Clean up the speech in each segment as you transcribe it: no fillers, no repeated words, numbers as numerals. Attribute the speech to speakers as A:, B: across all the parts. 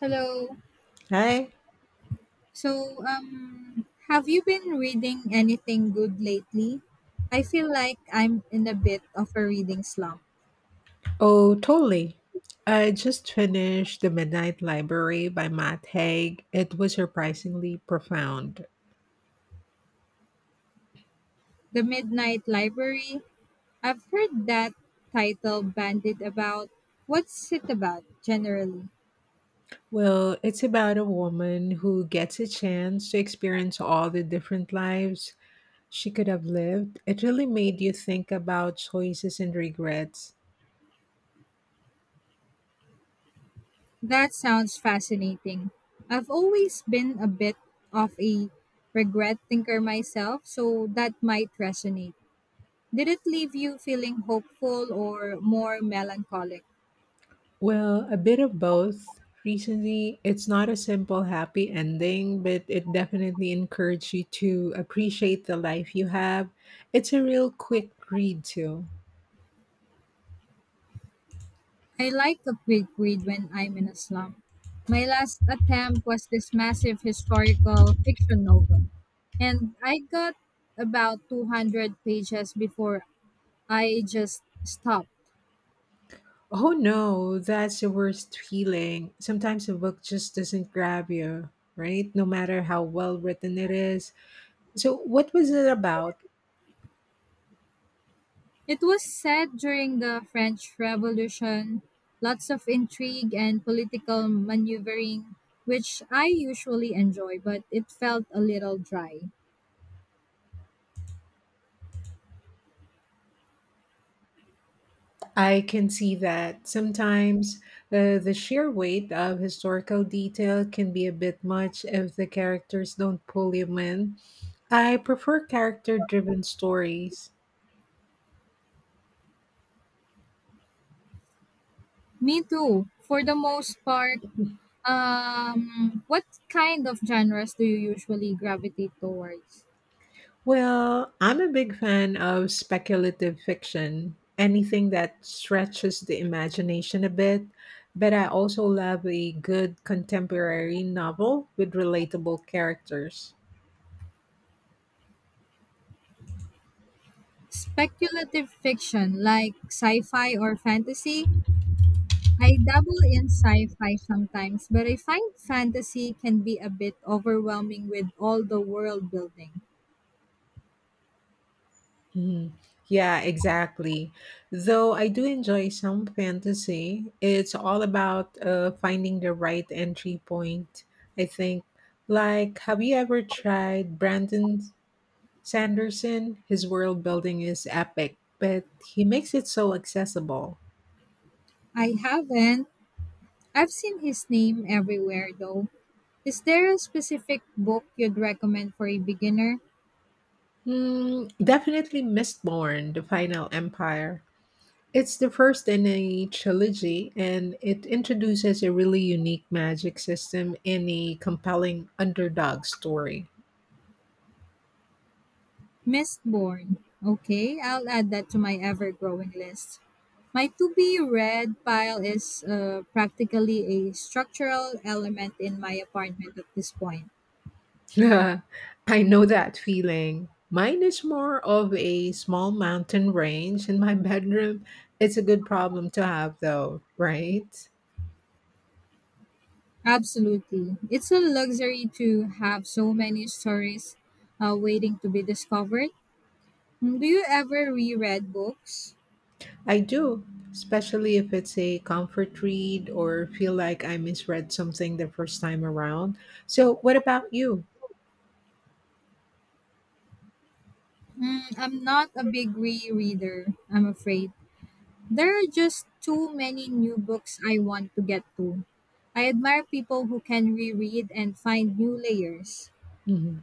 A: Hello.
B: Hi.
A: So, have you been reading anything good lately? I feel like I'm in a bit of a reading slump.
B: Oh, totally. I just finished The Midnight Library by Matt Haig. It was surprisingly profound.
A: The Midnight Library. I've heard that title bandied about. What's it about generally?
B: Well, it's about a woman who gets a chance to experience all the different lives she could have lived. It really made you think about choices and regrets.
A: That sounds fascinating. I've always been a bit of a regret thinker myself, so that might resonate. Did it leave you feeling hopeful or more melancholic?
B: Well, a bit of both. Recently, it's not a simple happy ending, but it definitely encouraged you to appreciate the life you have. It's a real quick read, too.
A: I like a quick read when I'm in a slump. My last attempt was this massive historical fiction novel, and I got about 200 pages before I just stopped.
B: Oh no, that's the worst feeling. Sometimes a book just doesn't grab you, right? No matter how well written it is. So, what was it about?
A: It was set during the French Revolution, lots of intrigue and political maneuvering, which I usually enjoy, but it felt a little dry.
B: I can see that sometimes the sheer weight of historical detail can be a bit much if the characters don't pull you in. I prefer character driven stories.
A: Me too. For the most part, what kind of genres do you usually gravitate towards?
B: Well, I'm a big fan of speculative fiction, anything that stretches the imagination a bit, but I also love a good contemporary novel with relatable characters.
A: Speculative fiction, like sci-fi or fantasy? I dabble in sci-fi sometimes, but I find fantasy can be a bit overwhelming with all the world building.
B: Mhm. Yeah, exactly. Though I do enjoy some fantasy, it's all about finding the right entry point, I think. Like, have you ever tried Brandon Sanderson? His world building is epic, but he makes it so accessible.
A: I haven't. I've seen his name everywhere though. Is there a specific book you'd recommend for a beginner?
B: Hmm, definitely Mistborn, The Final Empire. It's the first in a trilogy, and it introduces a really unique magic system in a compelling underdog story.
A: Mistborn. Okay, I'll add that to my ever growing list. My to be read pile is practically a structural element in my apartment at this point.
B: I know that feeling. Mine is more of a small mountain range in my bedroom. It's a good problem to have, though, right?
A: Absolutely. It's a luxury to have so many stories waiting to be discovered. Do you ever reread books?
B: I do, especially if it's a comfort read or feel like I misread something the first time around. So, what about you?
A: I'm not a big rereader, I'm afraid. There are just too many new books I want to get to. I admire people who can reread and find new layers.
B: Mm-hmm.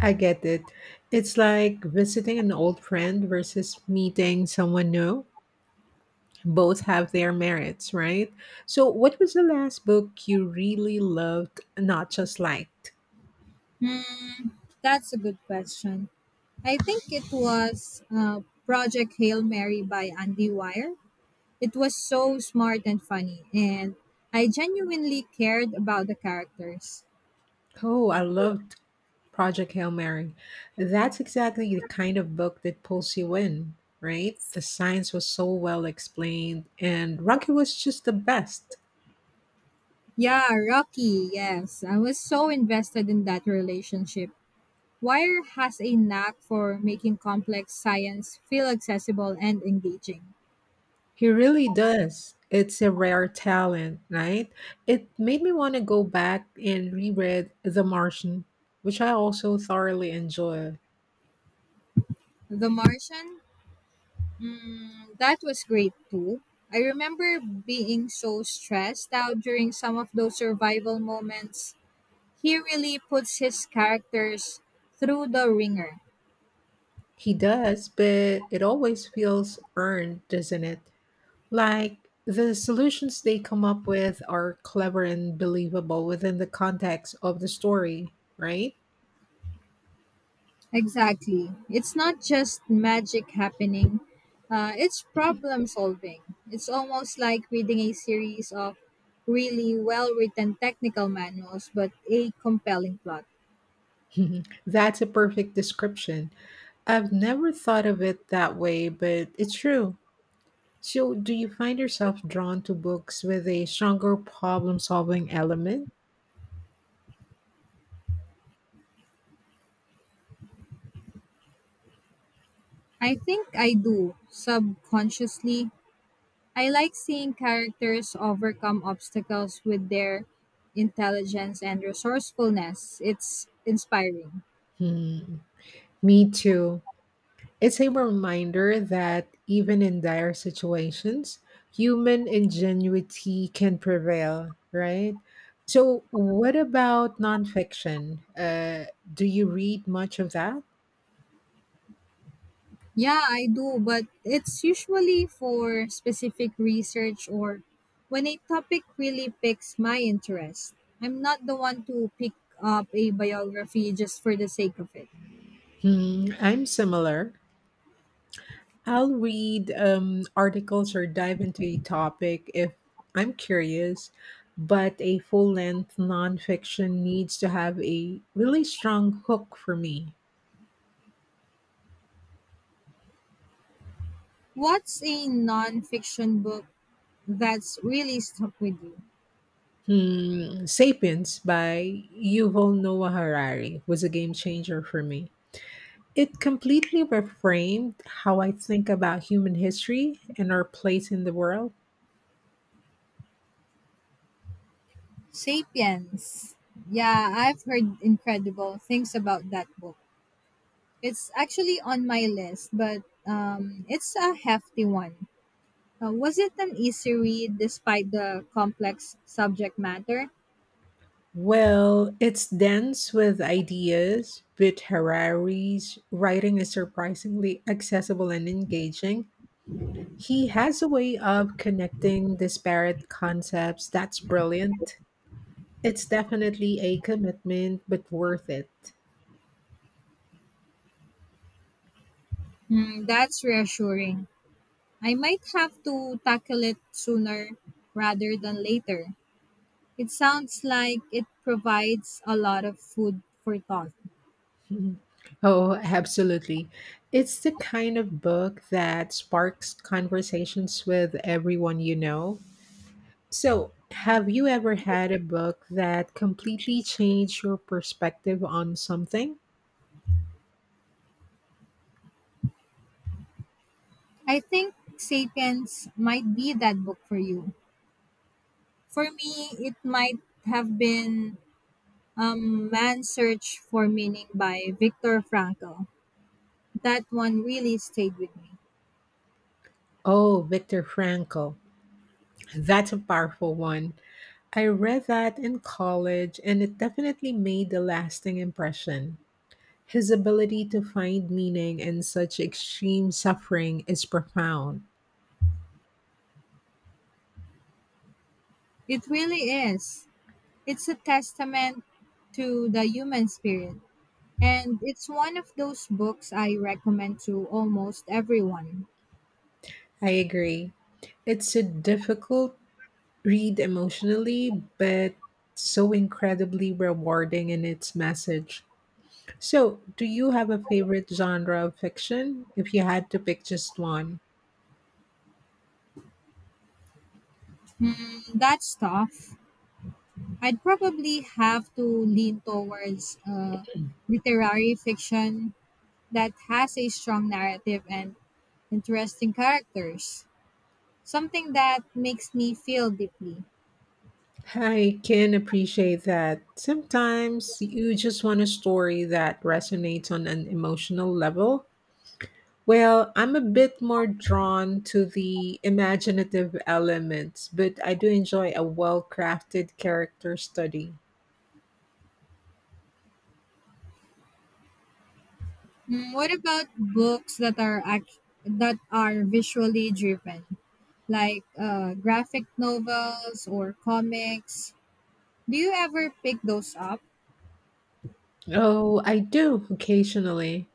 B: I get it. It's like visiting an old friend versus meeting someone new. Both have their merits, right? So, what was the last book you really loved, not just liked?
A: Hmm, that's a good question. I think it was Project Hail Mary by Andy Weir. It was so smart and funny, and I genuinely cared about the characters.
B: Oh, I loved Project Hail Mary. That's exactly the kind of book that pulls you in, right? The science was so well explained, and Rocky was just the best.
A: Yeah, Rocky, yes. I was so invested in that relationship. Wire has a knack for making complex science feel accessible and engaging.
B: He really does. It's a rare talent, right? It made me want to go back and reread The Martian, which I also thoroughly enjoy.
A: The Martian, that was great too. I remember being so stressed out during some of those survival moments. He really puts his characters through the ringer.
B: He does, but it always feels earned, doesn't it? Like the solutions they come up with are clever and believable within the context of the story, right?
A: Exactly. It's not just magic happening, it's problem solving. It's almost like reading a series of really well written technical manuals, but a compelling plot.
B: That's a perfect description. I've never thought of it that way, but it's true. So, do you find yourself drawn to books with a stronger problem solving element?
A: I think I do, subconsciously. I like seeing characters overcome obstacles with their intelligence and resourcefulness. It's inspiring.
B: Hmm, me too. It's a reminder that even in dire situations, human ingenuity can prevail, right? So, what about nonfiction? Do you read much of that?
A: Yeah, I do, but it's usually for specific research or when a topic really piques my interest. I'm not the one to pick up a biography just for the sake of it.
B: Hmm, I'm similar. I'll read articles or dive into a topic if I'm curious, but a full length nonfiction needs to have a really strong hook for me.
A: What's a nonfiction book that's really stuck with you?
B: Hmm, Sapiens by Yuval Noah Harari was a game changer for me. It completely reframed how I think about human history and our place in the world.
A: Sapiens. Yeah, I've heard incredible things about that book. It's actually on my list, but it's a hefty one. Was it an easy read despite the complex subject matter?
B: Well, it's dense with ideas, but Harari's writing is surprisingly accessible and engaging. He has a way of connecting disparate concepts that's brilliant. It's definitely a commitment, but worth it.
A: That's reassuring. I might have to tackle it sooner rather than later. It sounds like it provides a lot of food for thought.
B: Mhm. Oh, absolutely. It's the kind of book that sparks conversations with everyone you know. So, have you ever had a book that completely changed your perspective on something?
A: I think Sapiens might be that book for you. For me, it might have been Man's Search for Meaning by Viktor Frankl. That one really stayed with me.
B: Oh, Viktor Frankl. That's a powerful one. I read that in college and it definitely made a lasting impression. His ability to find meaning in such extreme suffering is profound.
A: It really is. It's a testament to the human spirit. And it's one of those books I recommend to almost everyone.
B: I agree. It's a difficult read emotionally, but so incredibly rewarding in its message. So, do you have a favorite genre of fiction? If you had to pick just one,
A: That's tough. I'd probably have to lean towards literary fiction that has a strong narrative and interesting characters, something that makes me feel deeply.
B: I can appreciate that. Sometimes you just want a story that resonates on an emotional level. Well, I'm a bit more drawn to the imaginative elements, but I do enjoy a well crafted character study.
A: What about books that are visually driven? Like graphic novels or comics. Do you ever pick those up?
B: Oh, I do occasionally.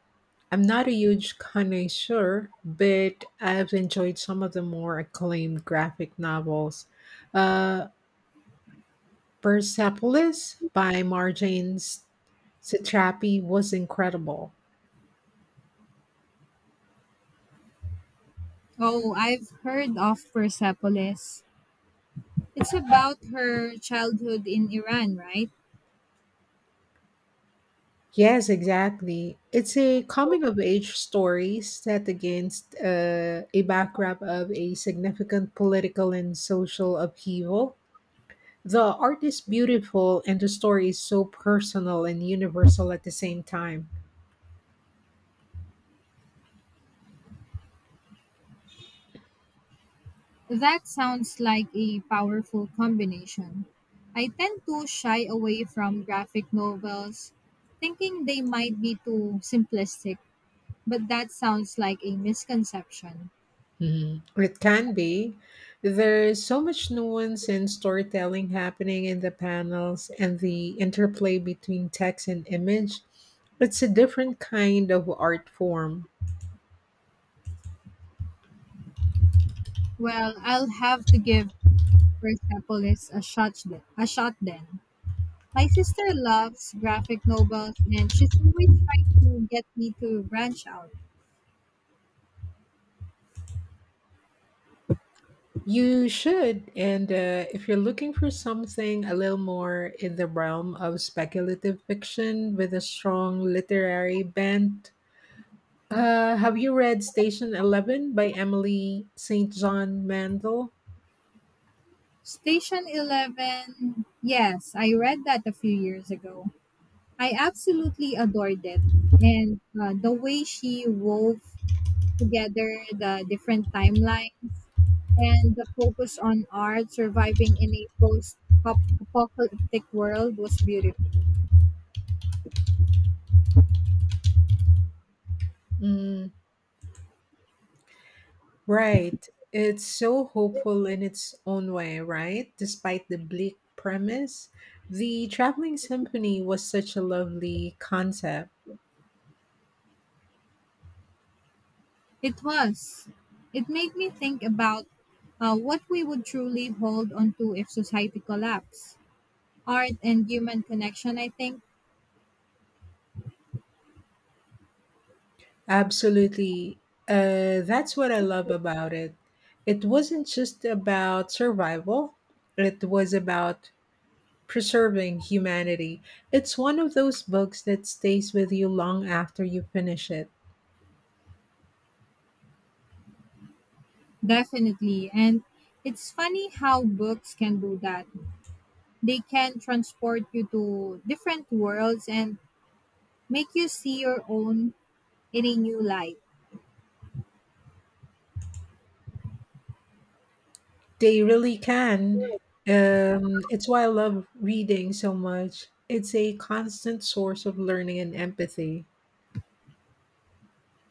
B: I'm not a huge connoisseur, but I've enjoyed some of the more acclaimed graphic novels. Uh, Persepolis by Satrapi was incredible.
A: Oh, I've heard of Persepolis. It's about her childhood in Iran, right?
B: Yes, exactly. It's a coming of age story set against a backdrop of a significant political and social upheaval. The art is beautiful and the story is so personal and universal at the same time.
A: That sounds like a powerful combination. I tend to shy away from graphic novels, thinking they might be too simplistic, but that sounds like a misconception.
B: Mhm. It can be. There is so much nuance and storytelling happening in the panels and the interplay between text and image. It's a different kind of art form.
A: Well, I'll have to give Persepolis a shot, a shot then. My sister loves graphic novels and she's always trying to get me to branch out.
B: You should, and if you're looking for something a little more in the realm of speculative fiction with a strong literary bent, have you read Station Eleven by Emily St. John Mandel?
A: Station 11, yes, I read that a few years ago. I absolutely adored it. And the way she wove together the different timelines and the focus on art surviving in a post apocalyptic world was beautiful.
B: Mm, right. It's so hopeful in its own way, right? Despite the bleak premise. The Traveling Symphony was such a lovely concept.
A: It was. It made me think about what we would truly hold on to if society collapsed. Art and human connection, I think,
B: Absolutely. That's what I love about it. It wasn't just about survival, it was about Preserving Humanity. It's one of those books that stays with you long after you finish it.
A: definitely. And it's funny how books can do that. They can transport you to different worlds and make you see your own in a new light.
B: They really can. It's why I love reading so much. It's a constant source of learning and empathy.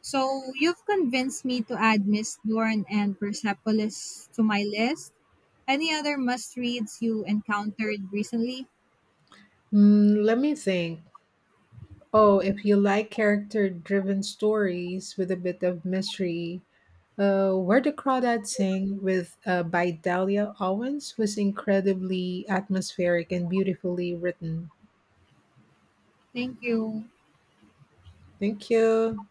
A: So you've convinced me to add Miss Dorn and Persepolis to my list. Any other must reads you encountered recently?
B: Mm, let me think. Oh, if you like character driven stories with a bit of mystery, Where the Crawdads Sing with by Dahlia Owens was incredibly atmospheric and beautifully written.
A: Thank you.
B: Thank you.